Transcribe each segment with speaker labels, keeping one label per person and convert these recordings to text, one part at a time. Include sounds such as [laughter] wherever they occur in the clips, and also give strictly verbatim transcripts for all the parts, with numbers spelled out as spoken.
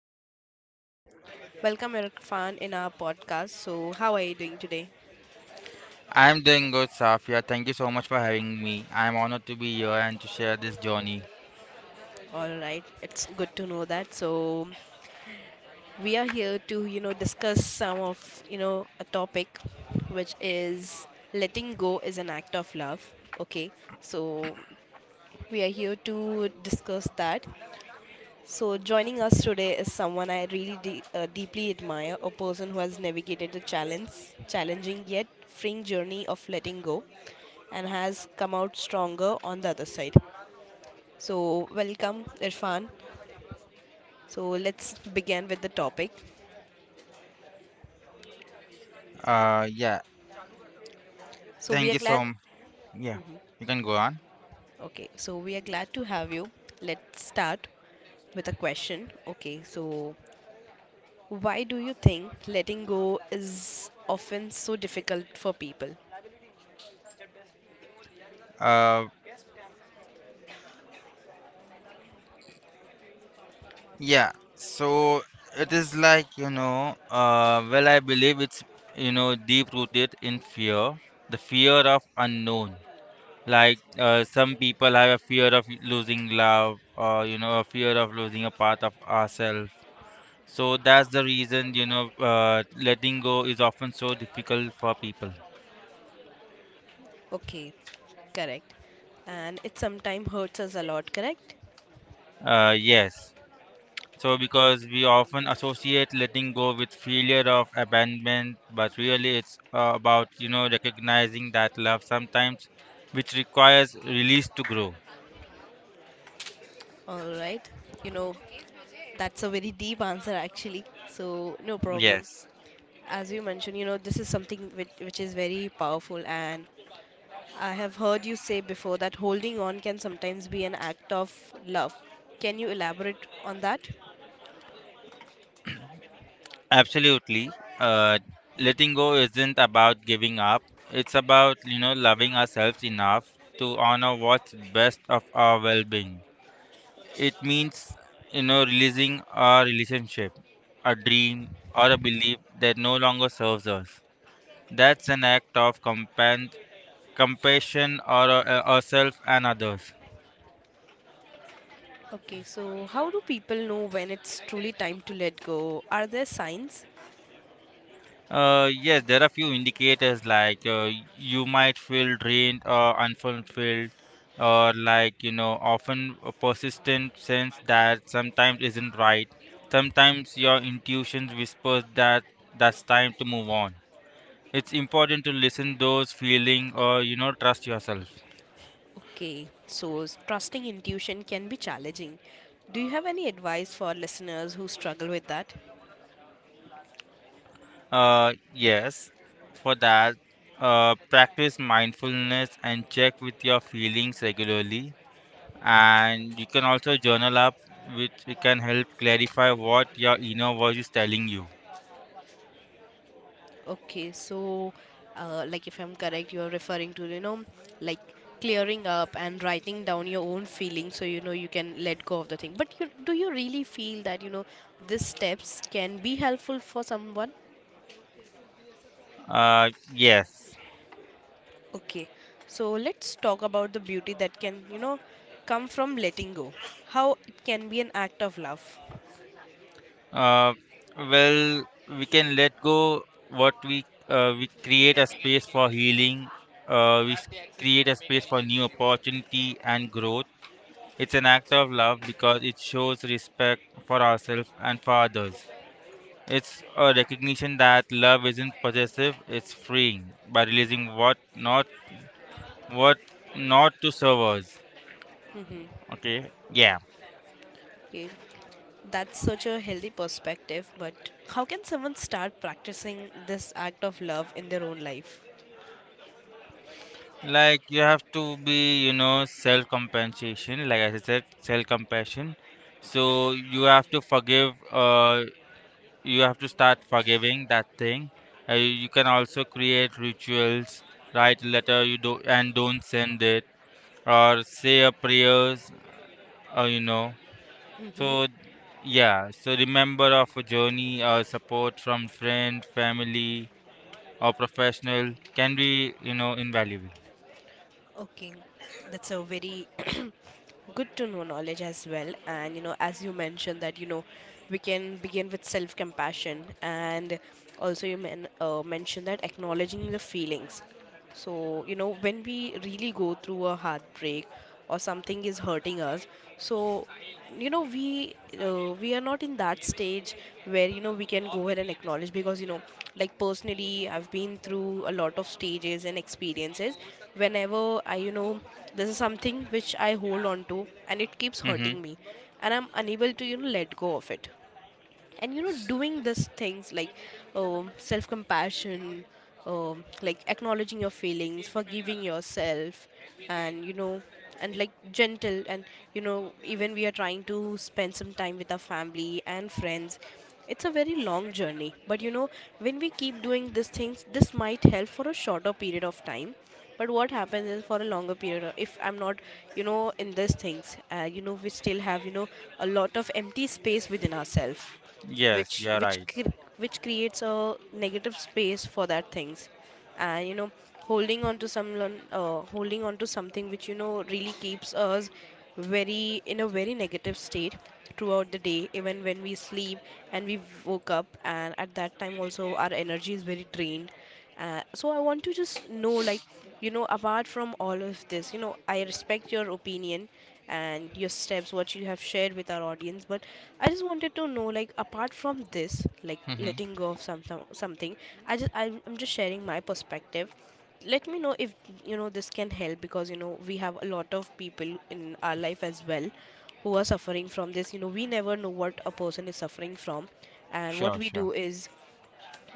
Speaker 1: Safia and welcome Irfan in our podcast. So, how are you doing today?
Speaker 2: I'm doing good, Safia. Thank you so much for having me. I'm honored to be here and to share this journey.
Speaker 1: All right, it's good to know that. So, we are here to, you know, discuss some of, you know, a topic which is letting go is an act of love. Okay, so we are here to discuss that. So, joining us today is someone I really de- uh, deeply admire, a person who has navigated the challenge, challenging yet freeing journey of letting go and has come out stronger on the other side. So, welcome Irfan. So, let's begin with the topic.
Speaker 2: Uh, yeah,
Speaker 1: So, we
Speaker 2: thank
Speaker 1: are
Speaker 2: you
Speaker 1: glad
Speaker 2: so much. Yeah, you can go on.
Speaker 1: okay, so we are glad to have you. Let's start with a question. Okay, so why do you think letting go is often so difficult for people?
Speaker 2: Uh, yeah, so it is like, you know, uh, well, I believe it's, you know, deep rooted in fear, the fear of unknown. Like, uh, some people have a fear of losing love, or, you know, a fear of losing a part of ourselves. So that's the reason, you know, uh, letting go is often so difficult for people.
Speaker 1: Okay, correct. And it sometimes hurts us a lot, correct?
Speaker 2: Uh, yes. So
Speaker 1: Okay.
Speaker 2: because we often associate letting go with failure of abandonment, but really it's uh, about, you know, recognizing that love sometimes, which requires release to grow.
Speaker 1: All right. You know, that's a very deep answer actually. So, no problem.
Speaker 2: Yes,
Speaker 1: As you mentioned, you know, this is something which, which is very powerful. And I have heard you say before that holding on can sometimes be an act of love. Can you elaborate on that?
Speaker 2: absolutely. Uh, Letting go isn't about giving up. It's about, you know, loving ourselves enough to honor what's best of our well-being. It means, you know, releasing our relationship, a dream, or a belief that no longer serves us. That's an act of compan- compassion or uh, ourselves and others.
Speaker 1: Okay, so how do people know when it's truly time to let go? Are there signs?
Speaker 2: Uh, yes, there are few indicators like uh, you might feel drained or unfulfilled, or like you know, often a persistent sense that sometimes isn't right. Sometimes your intuition whispers that that's time to move on. It's important to listen those feeling or you know trust yourself.
Speaker 1: Okay, so s- trusting intuition can be challenging. Do you have any advice for listeners who struggle with that?
Speaker 2: Uh yes, for that, uh practice mindfulness and check with your feelings regularly, and you can also journal up which it can help clarify what your inner voice is telling you.
Speaker 1: Okay, so uh, like if I'm correct, you're referring to, you know, like clearing up and writing down your own feelings so you know you can let go of the thing. But you, do you really feel that, you know, these steps can be helpful for someone?
Speaker 2: Uh yes.
Speaker 1: Okay, so let's talk about the beauty that can, you know, come from letting go. How it can be an act of love.
Speaker 2: uh well, we can let go what we uh, we create a space for healing. uh we s- Create a space for new opportunity and growth. It's an act of love because it shows respect for ourselves and for others. It's a recognition that love isn't possessive, it's freeing by releasing what not what not to serve us.
Speaker 1: Mm-hmm.
Speaker 2: Okay? Yeah.
Speaker 1: Okay. That's such a healthy perspective, but how can someone start practicing this act of love in their own life?
Speaker 2: Like you have to be, you know, self compensation, like I said, self compassion. So you have to forgive uh you have to start forgiving that thing. Uh, you can also create rituals, write a letter you do and don't send it, or say a prayers, uh, you know so yeah, so remember of a journey or support from friend family or professional can be you know invaluable.
Speaker 1: Okay, that's a very [clears throat] good to know knowledge as well. And you know, as you mentioned, that you know, we can begin with self compassion, and also you men- uh, mentioned that acknowledging the feelings. So, you know, when we really go through a heartbreak or something is hurting us, so you know we uh, we are not in that stage where you know we can go ahead and acknowledge, because you know, like, personally I've been through a lot of stages and experiences. Whenever I, you know, this is something which I hold on to and it keeps
Speaker 2: Mm-hmm.
Speaker 1: hurting me, and I'm unable to, you know, let go of it. And you know, doing these things like um, self-compassion, um, like acknowledging your feelings, forgiving yourself, and you know, and like gentle, and you know, even we are trying to spend some time with our family and friends. It's a very long journey, but you know, when we keep doing these things, this might help for a shorter period of time. But what happens is, for a longer period, uh, if I'm not, you know, in these things, uh, you know, we still have, you know, a lot of empty space within ourselves, which
Speaker 2: Yes, you're
Speaker 1: which
Speaker 2: right.
Speaker 1: cr- which creates a negative space for that things. And you know, holding on to some lon- uh, holding on to something which, you know, really keeps us very in a very negative state throughout the day, even when we sleep and we woke up, and at that time also our energy is very drained. Uh, so I want to just know, like, you know, apart from all of this, you know, I respect your opinion and your steps what you have shared with our audience. But I just wanted to know, like apart from this, like
Speaker 2: mm-hmm.
Speaker 1: letting go of some, some- something. I just i'm I'm just sharing my perspective, let me know if, you know, this can help. Because you know, we have a lot of people in our life as well who are suffering from this. You know, we never know what a person is suffering from, and what
Speaker 2: Sure,
Speaker 1: we
Speaker 2: sure.
Speaker 1: do is,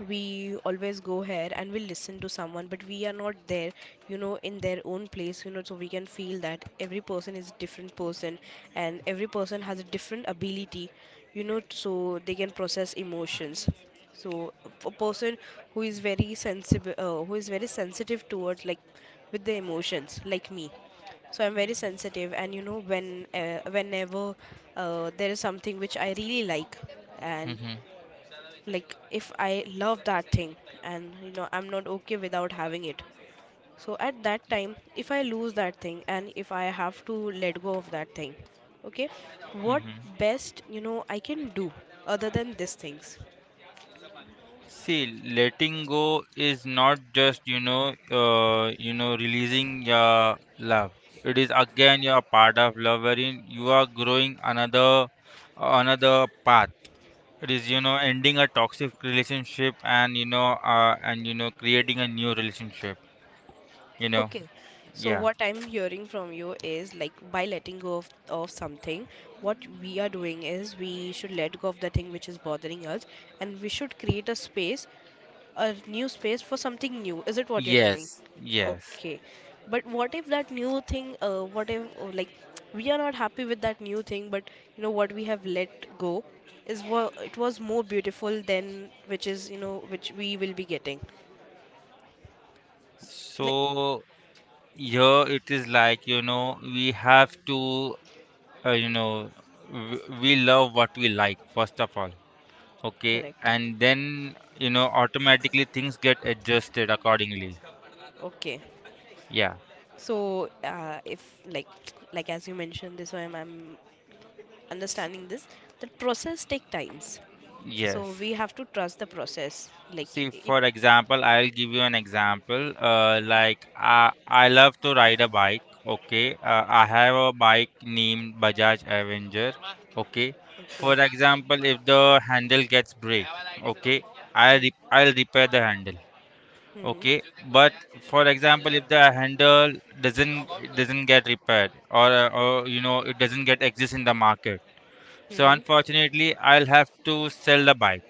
Speaker 1: we always go here and we listen to someone, but we are not there, you know, in their own place. You know, so we can feel that every person is a different person, and every person has a different ability, you know, so they can process emotions. So a person who is very sensitive, uh, who is very sensitive towards, like, with the emotions like me. So I'm very sensitive, and you know, when uh, whenever uh, there is something which I really like, and
Speaker 2: mm-hmm.
Speaker 1: like if I love that thing, and you know, I'm not okay without having it. So at that time if I lose that thing and if I have to let go of that thing, okay, what
Speaker 2: Mm-hmm.
Speaker 1: best you know I can do other than these things?
Speaker 2: See, letting go is not just you know uh, you know releasing your love. It is again a part of love wherein you are growing another another path. It is, you know, ending a toxic relationship and, you know, uh, and, you know, creating a new relationship, you know.
Speaker 1: Okay, so
Speaker 2: Yeah.
Speaker 1: what I'm hearing from you is like, by letting go of, of something, what we are doing is, we should let go of the thing which is bothering us, and we should create a space, a new space for something new. Is it what you're telling?
Speaker 2: Yes. Yes.
Speaker 1: Okay, but what if that new thing, uh, what if, uh, like [tsk] we are not happy with that new thing, but you know what we have let go is what it was more beautiful than which is, you know, which we will be getting, like.
Speaker 2: So here it is like, you know, we have to, uh, you know, w we love what we like, first of all. Okay.
Speaker 1: Correct.
Speaker 2: And then, you know, automatically things get adjusted accordingly.
Speaker 1: Okay,
Speaker 2: Yeah.
Speaker 1: so uh, if, like [tsk] like as you mentioned this, so I'm, I'm understanding this, the process take times, so
Speaker 2: Yes.
Speaker 1: we have to trust the process like
Speaker 2: See,
Speaker 1: it.
Speaker 2: for example, I'll give you an example. Uh, like I, I love to ride a bike. Okay, uh, I have a bike named Bajaj Avenger. Okay,
Speaker 1: Okay.
Speaker 2: for
Speaker 1: Hmm.
Speaker 2: example, if the handle gets break, okay, I re I'll repair the handle.
Speaker 1: Mhm.
Speaker 2: Okay, but for example, if the handle doesn't doesn't get repaired, or uh, or you know it doesn't get exist in the market, so
Speaker 1: Mhm.
Speaker 2: unfortunately, I'll have to sell the bike,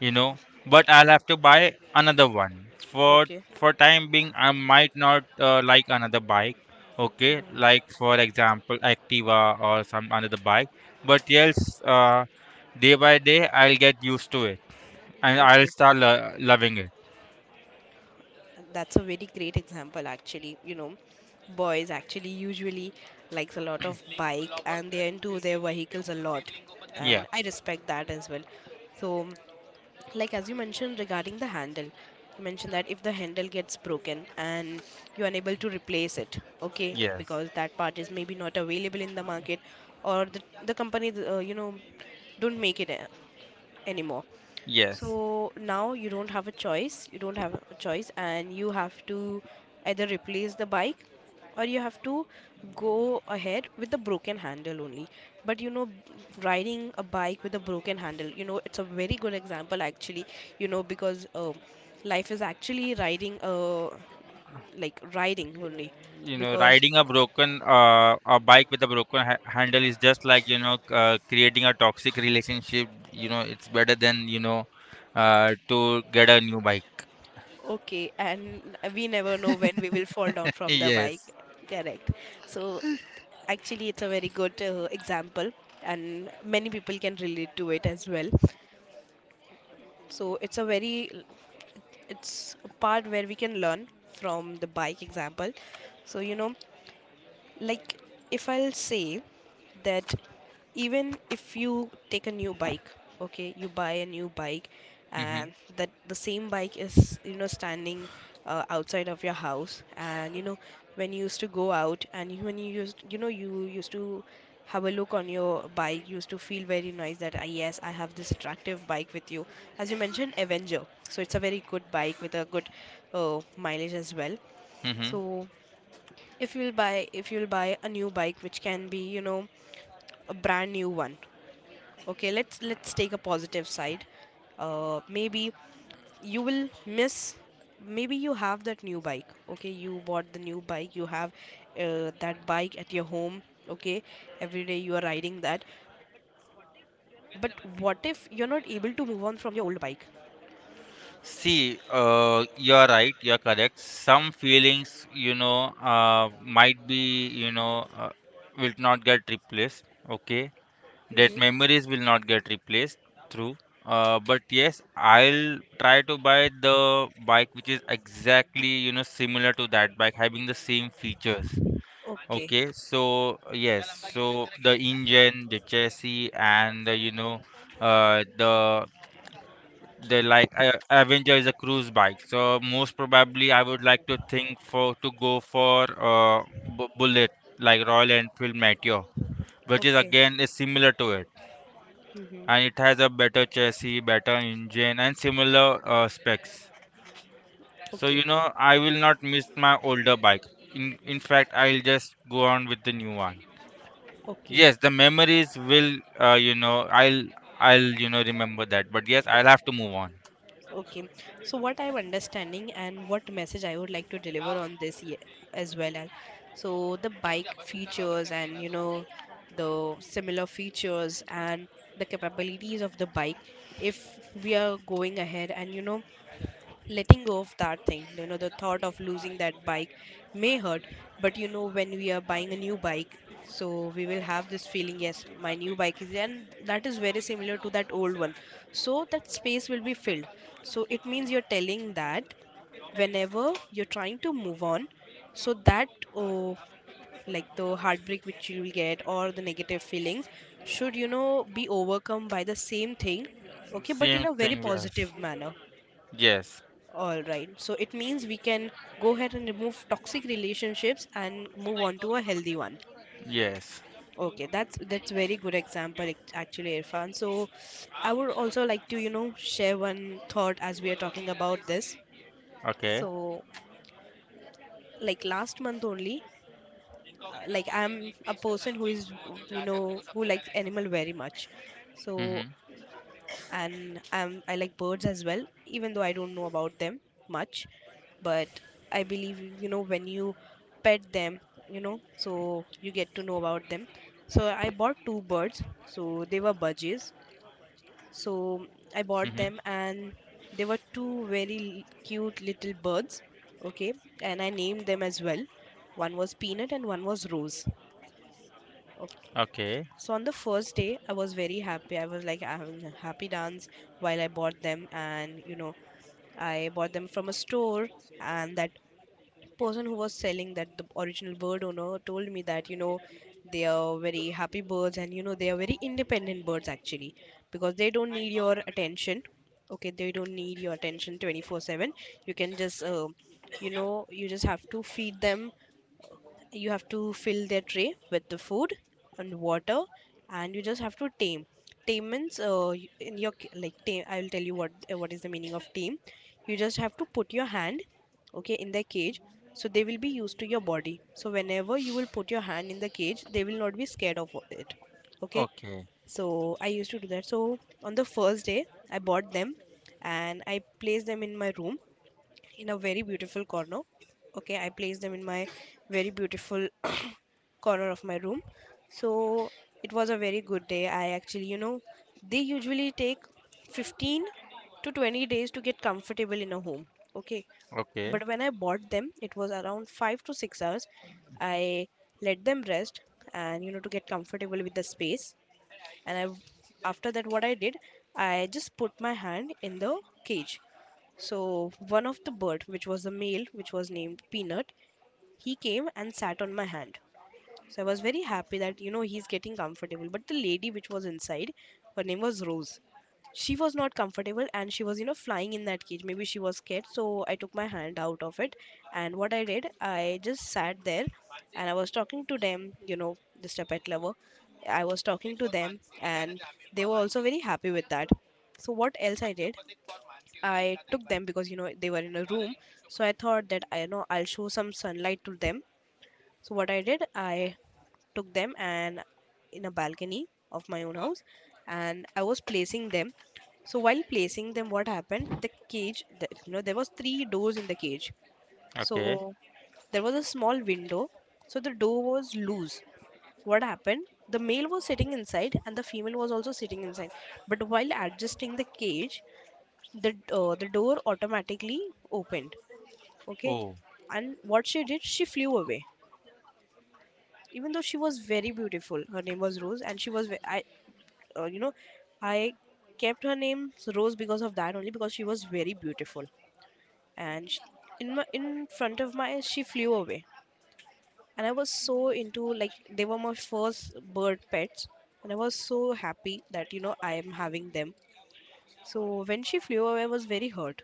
Speaker 2: you know, but I'll have to buy another one. For
Speaker 1: Okay.
Speaker 2: for time being, I might not uh, like another bike. Okay, like
Speaker 1: Mhm.
Speaker 2: for example, Activa or some another bike. But yes, uh, day by day, I'll get used to it and I'll
Speaker 1: Okay.
Speaker 2: start lo- loving it.
Speaker 1: That's a very great example, actually. You know, boys actually usually likes a lot of bike and they're into their vehicles a lot,
Speaker 2: Yeah.
Speaker 1: and I respect that as well. So, like as you mentioned regarding the handle, you mentioned that if the handle gets broken and you're unable to replace it, okay,
Speaker 2: Yes.
Speaker 1: because that part is maybe not available in the market, or the, the company, uh, you know, don't make it anymore.
Speaker 2: Yes.
Speaker 1: So now you don't have a choice, you don't have a choice, and you have to either replace the bike or you have to go ahead with the broken handle only. But you know, riding a bike with a broken handle, you know, it's a very good example actually. You know, because um life is actually riding uh like riding only,
Speaker 2: You know,
Speaker 1: because
Speaker 2: riding a broken uh, a bike with a broken ha- handle is just like you know c- uh, creating a toxic relationship. You know, it's better than you know uh, to get a new bike.
Speaker 1: okay, and we never know when we will fall down from the bike.
Speaker 2: Yes.
Speaker 1: Correct. So actually, it's a very good uh, example, and many people can relate to it as well. So, it's a very, it's a part where we can learn from the bike example. So, you know, like, if I'll say that even if you take a new bike, okay, you buy a new bike,
Speaker 2: Mm-hmm.
Speaker 1: and that the same bike is, you know, standing uh, outside of your house. And you know, when you used to go out and you- when you used, you know, you used to have a look on your bike, you used to feel very nice that, ah, yes, I have this attractive bike with you. As you mentioned Avenger, so it's a very good bike with a good uh, mileage as well.
Speaker 2: Mm-hmm.
Speaker 1: So if you'll buy if you'll buy a new bike which can be, you know, a brand new one. Okay, let's let's take a positive side. Uh, maybe you will miss, maybe you have that new bike, okay, you bought the new bike, you have uh, that bike at your home, okay, every day you are riding that. But what if you're not able to move on from your old bike?
Speaker 2: See, uh, you are right. You are correct. Some feelings, you know, uh, might be, you know, uh, will not get replaced. Okay, that
Speaker 1: Mm-hmm.
Speaker 2: memories will not get replaced. True. Uh, but yes, I'll try to buy the bike which is exactly, you know, similar to that bike, having the same features.
Speaker 1: Okay.
Speaker 2: Okay, so yes, so the engine, the chassis, and the, you know, uh, the they like uh, Avenger is a cruise bike, so most probably I would like to think for to go for uh, bu- Bullet like Royal Enfield Meteor, which is
Speaker 1: Okay.
Speaker 2: again is similar to it,
Speaker 1: Mm-hmm.
Speaker 2: and it has a better chassis, better engine, and similar uh, specs. So
Speaker 1: Okay.
Speaker 2: you know I will not miss my older bike. In in fact, I'll just go on with the new one.
Speaker 1: Okay.
Speaker 2: Yes, the memories will uh, you know I'll I'll you know remember that, but yes, I'll have to move on.
Speaker 1: Okay. So what I'm understanding and what message I would like to deliver on this ye- as well as, so the bike features and you know, the similar features and the capabilities of the bike, if we are going ahead and you know, letting go of that thing, you know the thought of losing that bike may hurt. But you know, when we are buying a new bike, so we will have this feeling, yes, my new bike is there," and that is very similar to that old one, so that space will be filled. So it means you're telling that whenever you're trying to move on, so that, oh, like the heartbreak which you will get or the negative feelings should, you know, be overcome by the same thing, okay, but in
Speaker 2: Same
Speaker 1: a very
Speaker 2: thing, yes.
Speaker 1: positive manner.
Speaker 2: Yes.
Speaker 1: All right. So it means we can go ahead and remove toxic relationships and move on to a healthy one.
Speaker 2: Yes.
Speaker 1: Okay, that's that's very good example act- actually, Irfan. So I would also like to, you know, share one thought as we are talking about this.
Speaker 2: Okay.
Speaker 1: So, like last month only, uh, like I'm a person who is, you know, who likes animal very much. So
Speaker 2: Mhm.
Speaker 1: and um, I like birds as well, even though I don't know about them much. But I believe, you know, when you pet them, you know, so you get to know about them. So I bought two birds. So they were budgies.
Speaker 2: Mhm.
Speaker 1: So I bought them, and they were two very l- cute little birds. Okay, and I named them as well. One was Peanut and one was Rose.
Speaker 2: Okay.
Speaker 1: So on the first day, I was very happy. I was like having a happy dance while I bought them, and you know, I bought them from a store. And that person who was selling that the original bird owner told me that, you know, they are very happy birds, and, you know, they are very independent birds actually because they don't need your attention. Okay, they don't need your attention twenty-four seven. You can just uh, you know you just have to feed them, you have to fill their tray with the food and water, and you just have to tame. Tame means uh, y- in your ca- like, tame, I will tell you what uh, what is the meaning of tame. You just have to put your hand, okay, in the cage, so they will be used to your body, so whenever you will put your hand in the cage they will not be scared of it. Okay,
Speaker 2: Okay.
Speaker 1: so I used to do that. So on the first day I bought them and I placed them in my room in a very beautiful corner. Okay, I placed them in my very beautiful [coughs] corner of my room. So it was a very good day. I Actually, you know, they usually take fifteen to twenty days to get comfortable in a home. Okay,
Speaker 2: Okay.
Speaker 1: but when I bought them, it was around five to six hours. I let them rest and, you know, to get comfortable with the space. And I, after that, what I did, I just put my hand in the cage. So one of the bird, which was a male, which was named Peanut, he came and sat on my hand. So I was very happy that, you know, he's getting comfortable, but the lady which was inside, her name was Rose, she was not comfortable, and she was, you know, flying in that cage. Maybe she was scared, so I took my hand out of it. And what I did, I just sat there and I was talking to them, you know, just a pet lover. I was talking to them, and they were also very happy with that. So what else I did, I took them, because, you know, they were in a room, so I thought that, I know, I'll show some sunlight to them. So what I did, I took them, and in a balcony of my own house, and I was placing them. So while placing them, what happened? The cage, the, you know, there was three doors in the cage.
Speaker 2: Okay.
Speaker 1: So there was a small window. So the door was loose. What happened? The male was sitting inside and the female was also sitting inside. But while adjusting the cage, the uh, the door automatically opened. Okay,
Speaker 2: Oh.
Speaker 1: and what she did, she flew away. Even though she was very beautiful, her name was Rose, and she was ve- I, uh, you know, I kept her name Rose because of that only, because she was very beautiful. And she, in my, in front of my eyes, she flew away, and I was so into, like, they were my first bird pets and I was so happy that, you know, I am having them. So when she flew away, I was very hurt.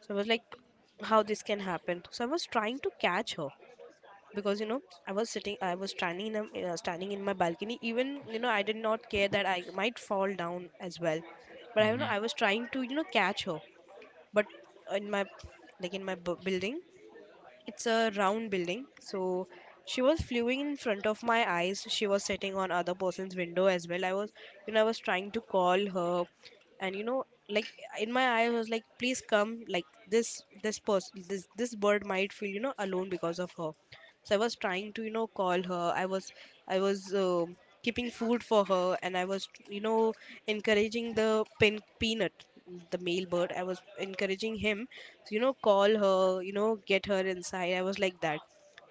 Speaker 1: So I was like, how this can happen? So I was trying to catch her, because, you know, I was sitting, I was standing in a, uh, standing in my balcony. Even, you know, I did not care that I might fall down as well, but I, you know,
Speaker 2: Mhm.
Speaker 1: I was trying to, you know, catch her, but in my, like, in my bu- building, it's a round building, so she was flewing in front of my eyes. She was sitting on other person's window as well. I was, you know, I was trying to call her, and, you know, like, in my eyes, I was like, please come. Like this, this person, this this bird might feel, you know, alone because of her. So I was trying to, you know, call her. I was, I was. Um keeping food for her, and I was, you know, encouraging the pin Peanut, the male bird. I was encouraging him, you know, call her, you know, get her inside. I was like that.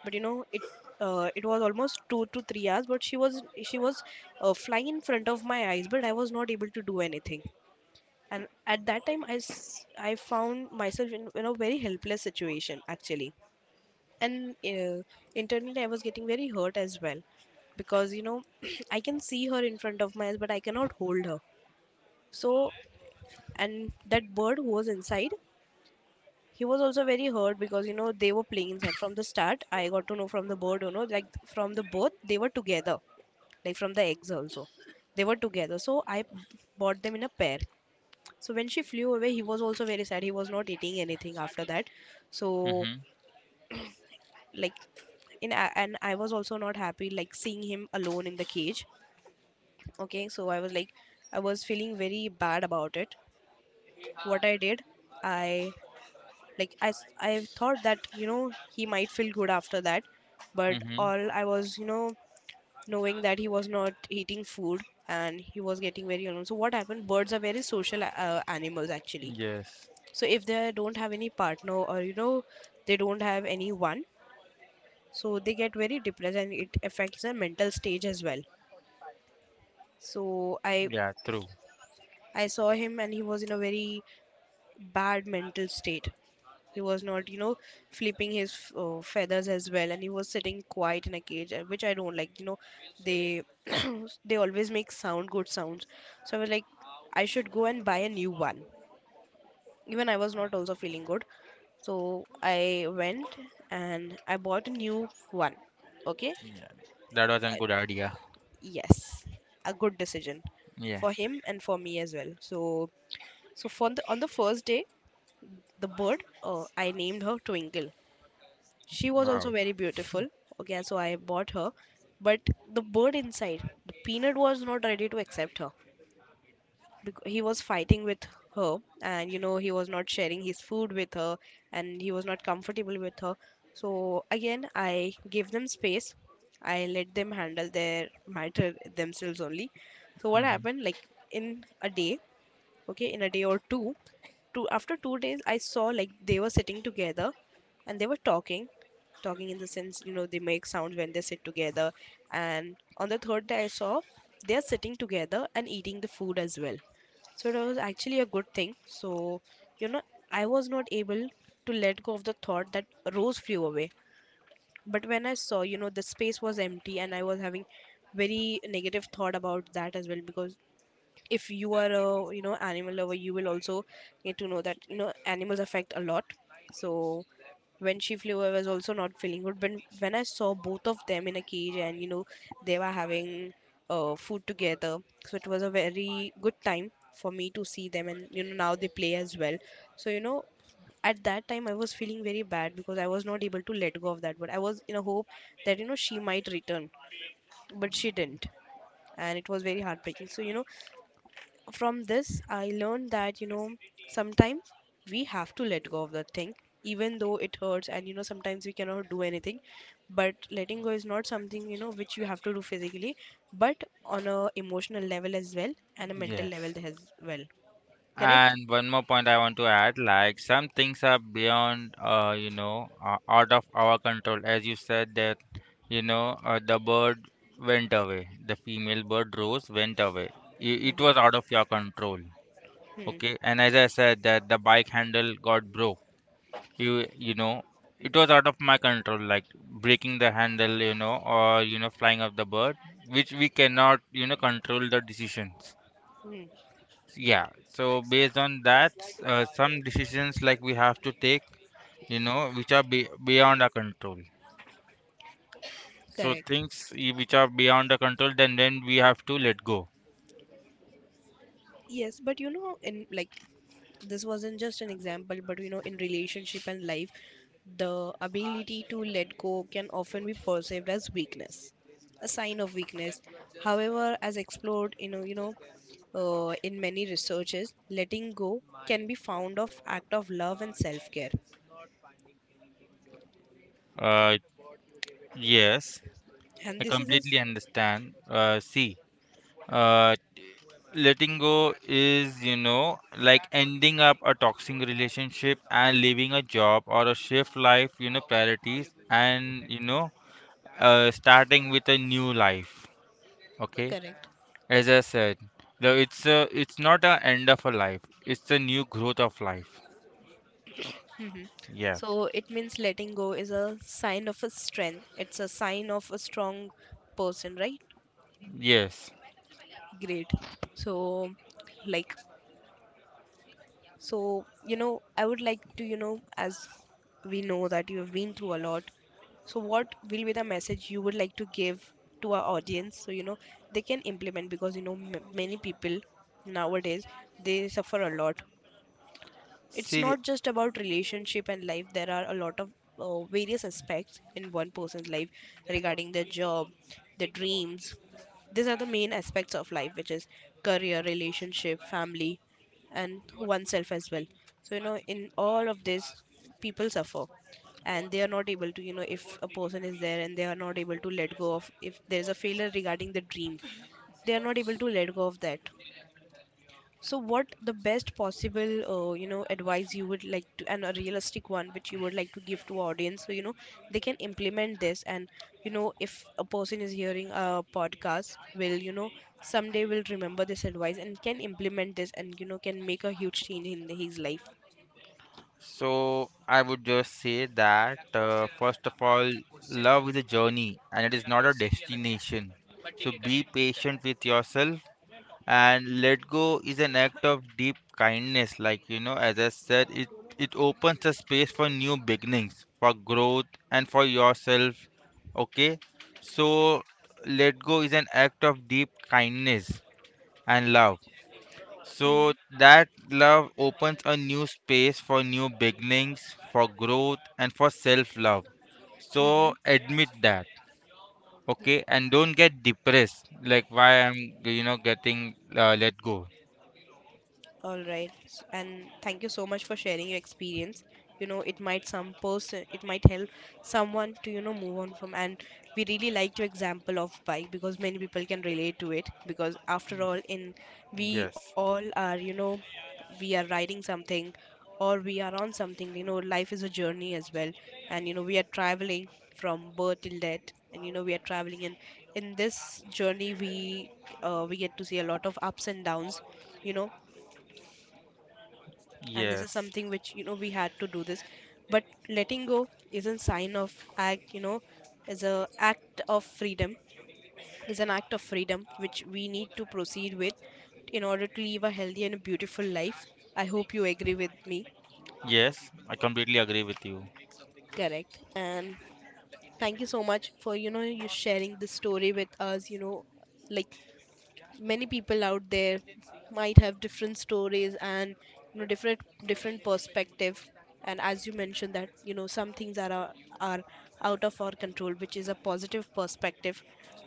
Speaker 1: But, you know, it, uh, it was almost two to three hours, but she was she was uh, flying in front of my eyes, but I was not able to do anything. And at that time, I s- I found myself in, in a very helpless situation, actually. And uh, internally I was getting very hurt as well, because, you know, [clears throat] I can see her in front of my eyes but I cannot hold her. So, and that bird who was inside, he was also very hurt, because, you know, they were playing inside from the start. I got to know from the board, you know, like, from the both, they were together, like from the eggs also they were together. So I bought them in a pair. So when she flew away, he was also very sad. He was not eating anything after that. So,
Speaker 2: Mhm.
Speaker 1: like, in a- and I was also not happy, like seeing him alone in the cage. Okay, so I was like, I was feeling very bad about it. What I did, I, like, I s- I thought that, you know, he might feel good after that. But
Speaker 2: Mhm.
Speaker 1: all I was, you know, knowing that he was not eating food, and he was getting very alone. So what happened, birds are very social uh, animals, actually.
Speaker 2: Yes.
Speaker 1: So if they don't have any partner, or, you know, they don't have anyone, so they get very depressed and it affects their mental stage as well. So i
Speaker 2: Yeah. True.
Speaker 1: i saw him and he was in a very bad mental state. He was not, you know, flipping his f- uh, feathers as well, and he was sitting quiet in a cage, uh, which I don't like. You know, they [clears throat] they always make sound good sounds. So I was like, I should go and buy a new one. Even I was not also feeling good, so I went and I bought a new one. Okay,
Speaker 2: Yeah. That was
Speaker 1: uh,
Speaker 2: a good idea.
Speaker 1: yes, a good decision
Speaker 2: Yeah.
Speaker 1: for him and for me as well. So, so for the, on the first day, the bird, uh, I named her Twinkle. She was
Speaker 2: Wow.
Speaker 1: also very beautiful. Okay, so I bought her, but the bird inside, the Peanut, was not ready to accept her. Bec- he was fighting with her, and, you know, he was not sharing his food with her, and he was not comfortable with her. So again I gave them space. I let them handle their matter themselves only. So what
Speaker 2: Mhm.
Speaker 1: happened, like, in a day, okay, in a day or two, two after two days I saw, like, they were sitting together and they were talking. Talking in the sense, you know, they make sounds when they sit together. And on the third day I saw, they're sitting together and eating the food as well. So that was actually a good thing. So, you know, I was not able to let go of the thought that Rose flew away. But when I saw, you know, the space was empty, and I was having very negative thought about that as well, because if you are a, you know, animal lover, you will also get to know that, you know, animals affect a lot. So when she flew, I was also not feeling good, but when I saw both of them in a cage, and, you know, they were having uh, food together, so it was a very good time for me to see them, and, you know, now they play as well. So, you know, at that time I was feeling very bad because I was not able to let go of that, but I was in a hope that, you know, she might return. But she didn't, and it was very heartbreaking. So, you know, from this I learned that, you know, sometimes we have to let go of that thing, even though it hurts, and, you know, sometimes we cannot do anything. But letting go is not something, you know, which you have to do physically, but on a emotional level as well, and a mental level
Speaker 2: Yes.
Speaker 1: as well. Correct.
Speaker 2: And one more point I want to add, like some things are beyond, uh, you know, uh, out of our control. As you said that, you know, uh, the bird went away. The female bird rose went away. I- It was out
Speaker 1: Mm-hmm.
Speaker 2: of your control.
Speaker 1: Hmm.
Speaker 2: Okay, and as I said that the bike handle got broke. You you know, it was out of my control, like breaking the handle, you know, or you know, flying off the bird, which we cannot, you know, control the decisions.
Speaker 1: Hmm.
Speaker 2: Yeah, so based on that, uh, some decisions like we have to take, you know, which are be beyond our control. So
Speaker 1: Correct.
Speaker 2: things i- which are beyond our control, then then we have to let go.
Speaker 1: Yes, but you know in, like, this wasn't just an example, but you know in relationship and life, the ability to let go can often be perceived as weakness, a sign of weakness. However, as explored, you know you know uh, in many researches, letting go can be found of act of love and self-care.
Speaker 2: Uh, yes,
Speaker 1: And
Speaker 2: I
Speaker 1: this is a s-
Speaker 2: completely understand. Uh, see. Uh, Letting go is you know like ending up a toxic relationship and leaving a job or a shift life you know priorities and you know uh, starting with a new life, okay,
Speaker 1: correct.
Speaker 2: as I said, though it's a it's not a end of a life, it's a new growth of life.
Speaker 1: Hmm.
Speaker 2: Yeah.
Speaker 1: So it means letting go is a sign of a strength, it's a sign of a strong person, right?
Speaker 2: Yes.
Speaker 1: Great. So like So, you know, I would like to, you know, as we know that you have been through a lot, so what will be the message you would like to give to our audience so, you know, they can implement, because, you know, m- many people nowadays, they suffer a lot. It's
Speaker 2: See,
Speaker 1: not just about relationship and life, there are a lot of uh, various aspects in one person's life, regarding their job, their dreams. These are the main aspects of life, which is career, relationship, family, and oneself as well. So you know in all of this, people suffer, and they are not able to, you know if a person is there and they are not able to let go of, if there is a failure regarding the dream, they are not able to let go of that. So what the best possible, uh, you know, advice you would like to, and a realistic one, which you would like to give to audience, so you know they can implement this, and you know if a person is hearing a podcast, will you know someday will remember this advice and can implement this, and you know can make a huge change in his life.
Speaker 2: so I would just say that, uh, first of all, love is a journey and it is not a destination, so be patient with yourself. And let go is an act of deep kindness, like you know as I said it, it opens a space for new beginnings for growth and for yourself. Okay, so let go is an act of deep kindness and love. So
Speaker 1: Mm-hmm.
Speaker 2: that love opens a new space for new beginnings for growth and for self love. So admit that, okay, and don't get depressed like why I'm you know getting uh, let go.
Speaker 1: All right, s- and thank you so much for sharing your experience. You know, it might some person, it might help someone to you know move on from. And we really like your example of bike, because many people can relate to it. Because after all, in, we
Speaker 2: Yes.
Speaker 1: all are, you know, we are riding something, or we are on something. You know, life is a journey as well, and you know we are traveling from birth till death, and you know we are traveling. And in this journey, we, uh, we get to see a lot of ups and downs. You know. And this is
Speaker 2: Yes,
Speaker 1: something which, you know we had to do this, but letting go isn't sign of act, you know is a act of freedom, is an act of freedom which we need to proceed with, in order to live a healthy and beautiful life. I hope you agree with me.
Speaker 2: yes, I completely agree with you.
Speaker 1: Correct. And thank you so much for you know you sharing this story with us, you know like many people out there might have different stories, and you know different, different perspective. And as you mentioned that, you know some things are are are out of our control, which is a positive perspective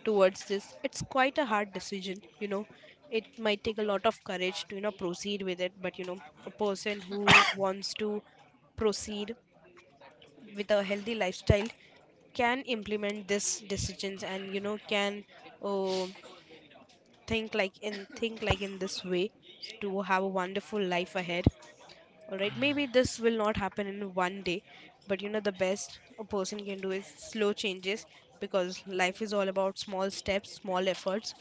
Speaker 1: towards this. It's quite a hard decision, you know it might take a lot of courage to, you know proceed with it, but you know a person who wants to proceed with a healthy lifestyle can implement this decisions, and you know can uh, think like in think like in this way to have a wonderful life ahead. All right, maybe this will not happen in one day, but you know the best a person can do is slow changes, because life is all about small steps, small efforts.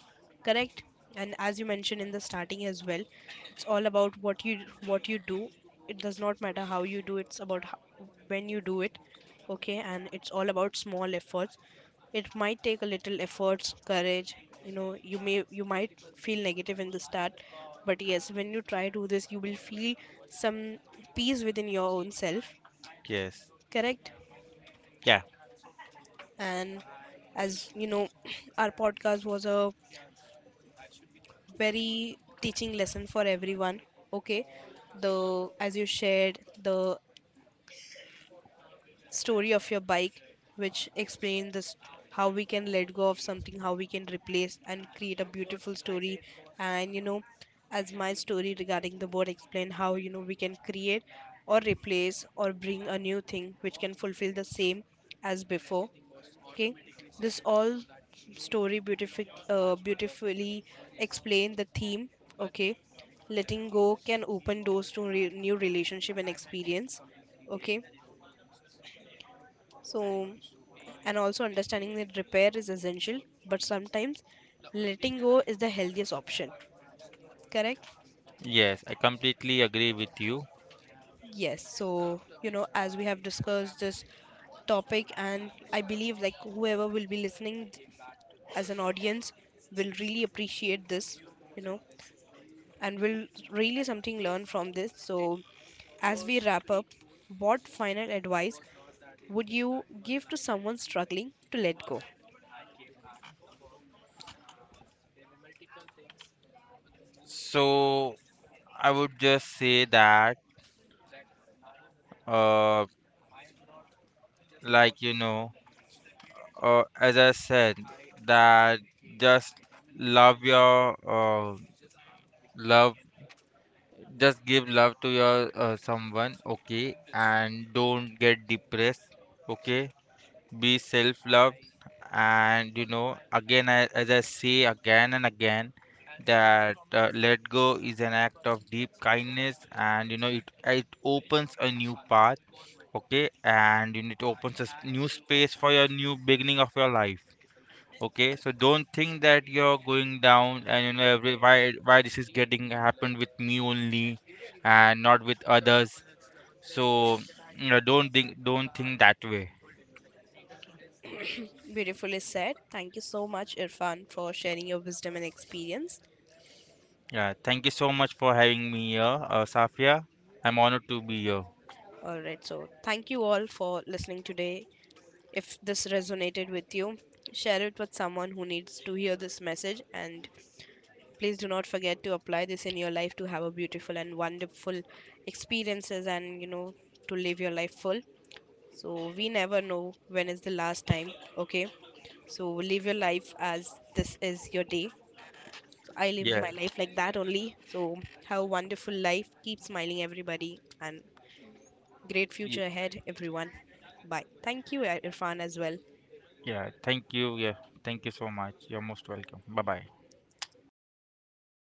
Speaker 1: Correct. And as you mentioned in the starting as well, it's all about what you, what you do. It does not matter how you do, it's about how, when you do it. Okay, and it's all about small efforts. It might take a little efforts, courage. You know, you may, you might feel negative in the start, but yes, when you try to do this, you will feel some peace within your own self.
Speaker 2: Yes,
Speaker 1: Correct.
Speaker 2: yeah,
Speaker 1: And as you know, [clears throat] our podcast was a very teaching lesson for everyone. Okay, the, as you shared the story of your bike, which explain this, how we can let go of something, how we can replace and create a beautiful story. And you know as my story regarding the board explain how, you know we can create or replace or bring a new thing which can fulfill the same as before. Okay, this all story beautific, uh, beautifully explain the theme. Okay, letting go can open doors to re- new relationship and experience. Okay, so, and also understanding that repair is essential, but sometimes letting go is the healthiest option. Correct?
Speaker 2: yes, I completely agree with you.
Speaker 1: Yes. So, you know, as we have discussed this topic, and I believe like whoever will be listening th- as an audience will really appreciate this, you know, and will really something learn from this. So, as we wrap up, what final advice would you give to someone struggling to let go?
Speaker 2: So I would just say that, uh, like you know, uh, as I said, that just love your uh, love, just give love to your uh, someone, okay, and don't get depressed, okay, be self love. And you know again I, as I say again and again that uh, let go is an act of deep kindness and you know it it opens a new path. Okay, and you know, it opens a s- new space for your new beginning of your life. Okay, so don't think that you're going down and you know every why why this is getting happened with me only and not with others. So you know don't think don't think that way.
Speaker 1: Beautifully said. Thank you so much, Irfan, for sharing your wisdom and experience.
Speaker 2: Yeah, thank you so much for having me here, uh, Safia. I'm honored to be here.
Speaker 1: All right, so thank you all for listening today. If this resonated with you, share it with someone who needs to hear this message. And please do not forget to apply this in your life to have a beautiful and wonderful experiences, and, you know, to live your life full. So we never know when is the last time, okay? So live your life as this is your day. I live
Speaker 2: Yeah,
Speaker 1: my life like that only. So, have a wonderful life. Keep smiling, everybody, and great
Speaker 2: yeah,
Speaker 1: future ahead, everyone. Bye. Thank you, Irfan, as well.
Speaker 2: yeah. Thank you. Yeah, thank you so much. You're most welcome. Bye bye.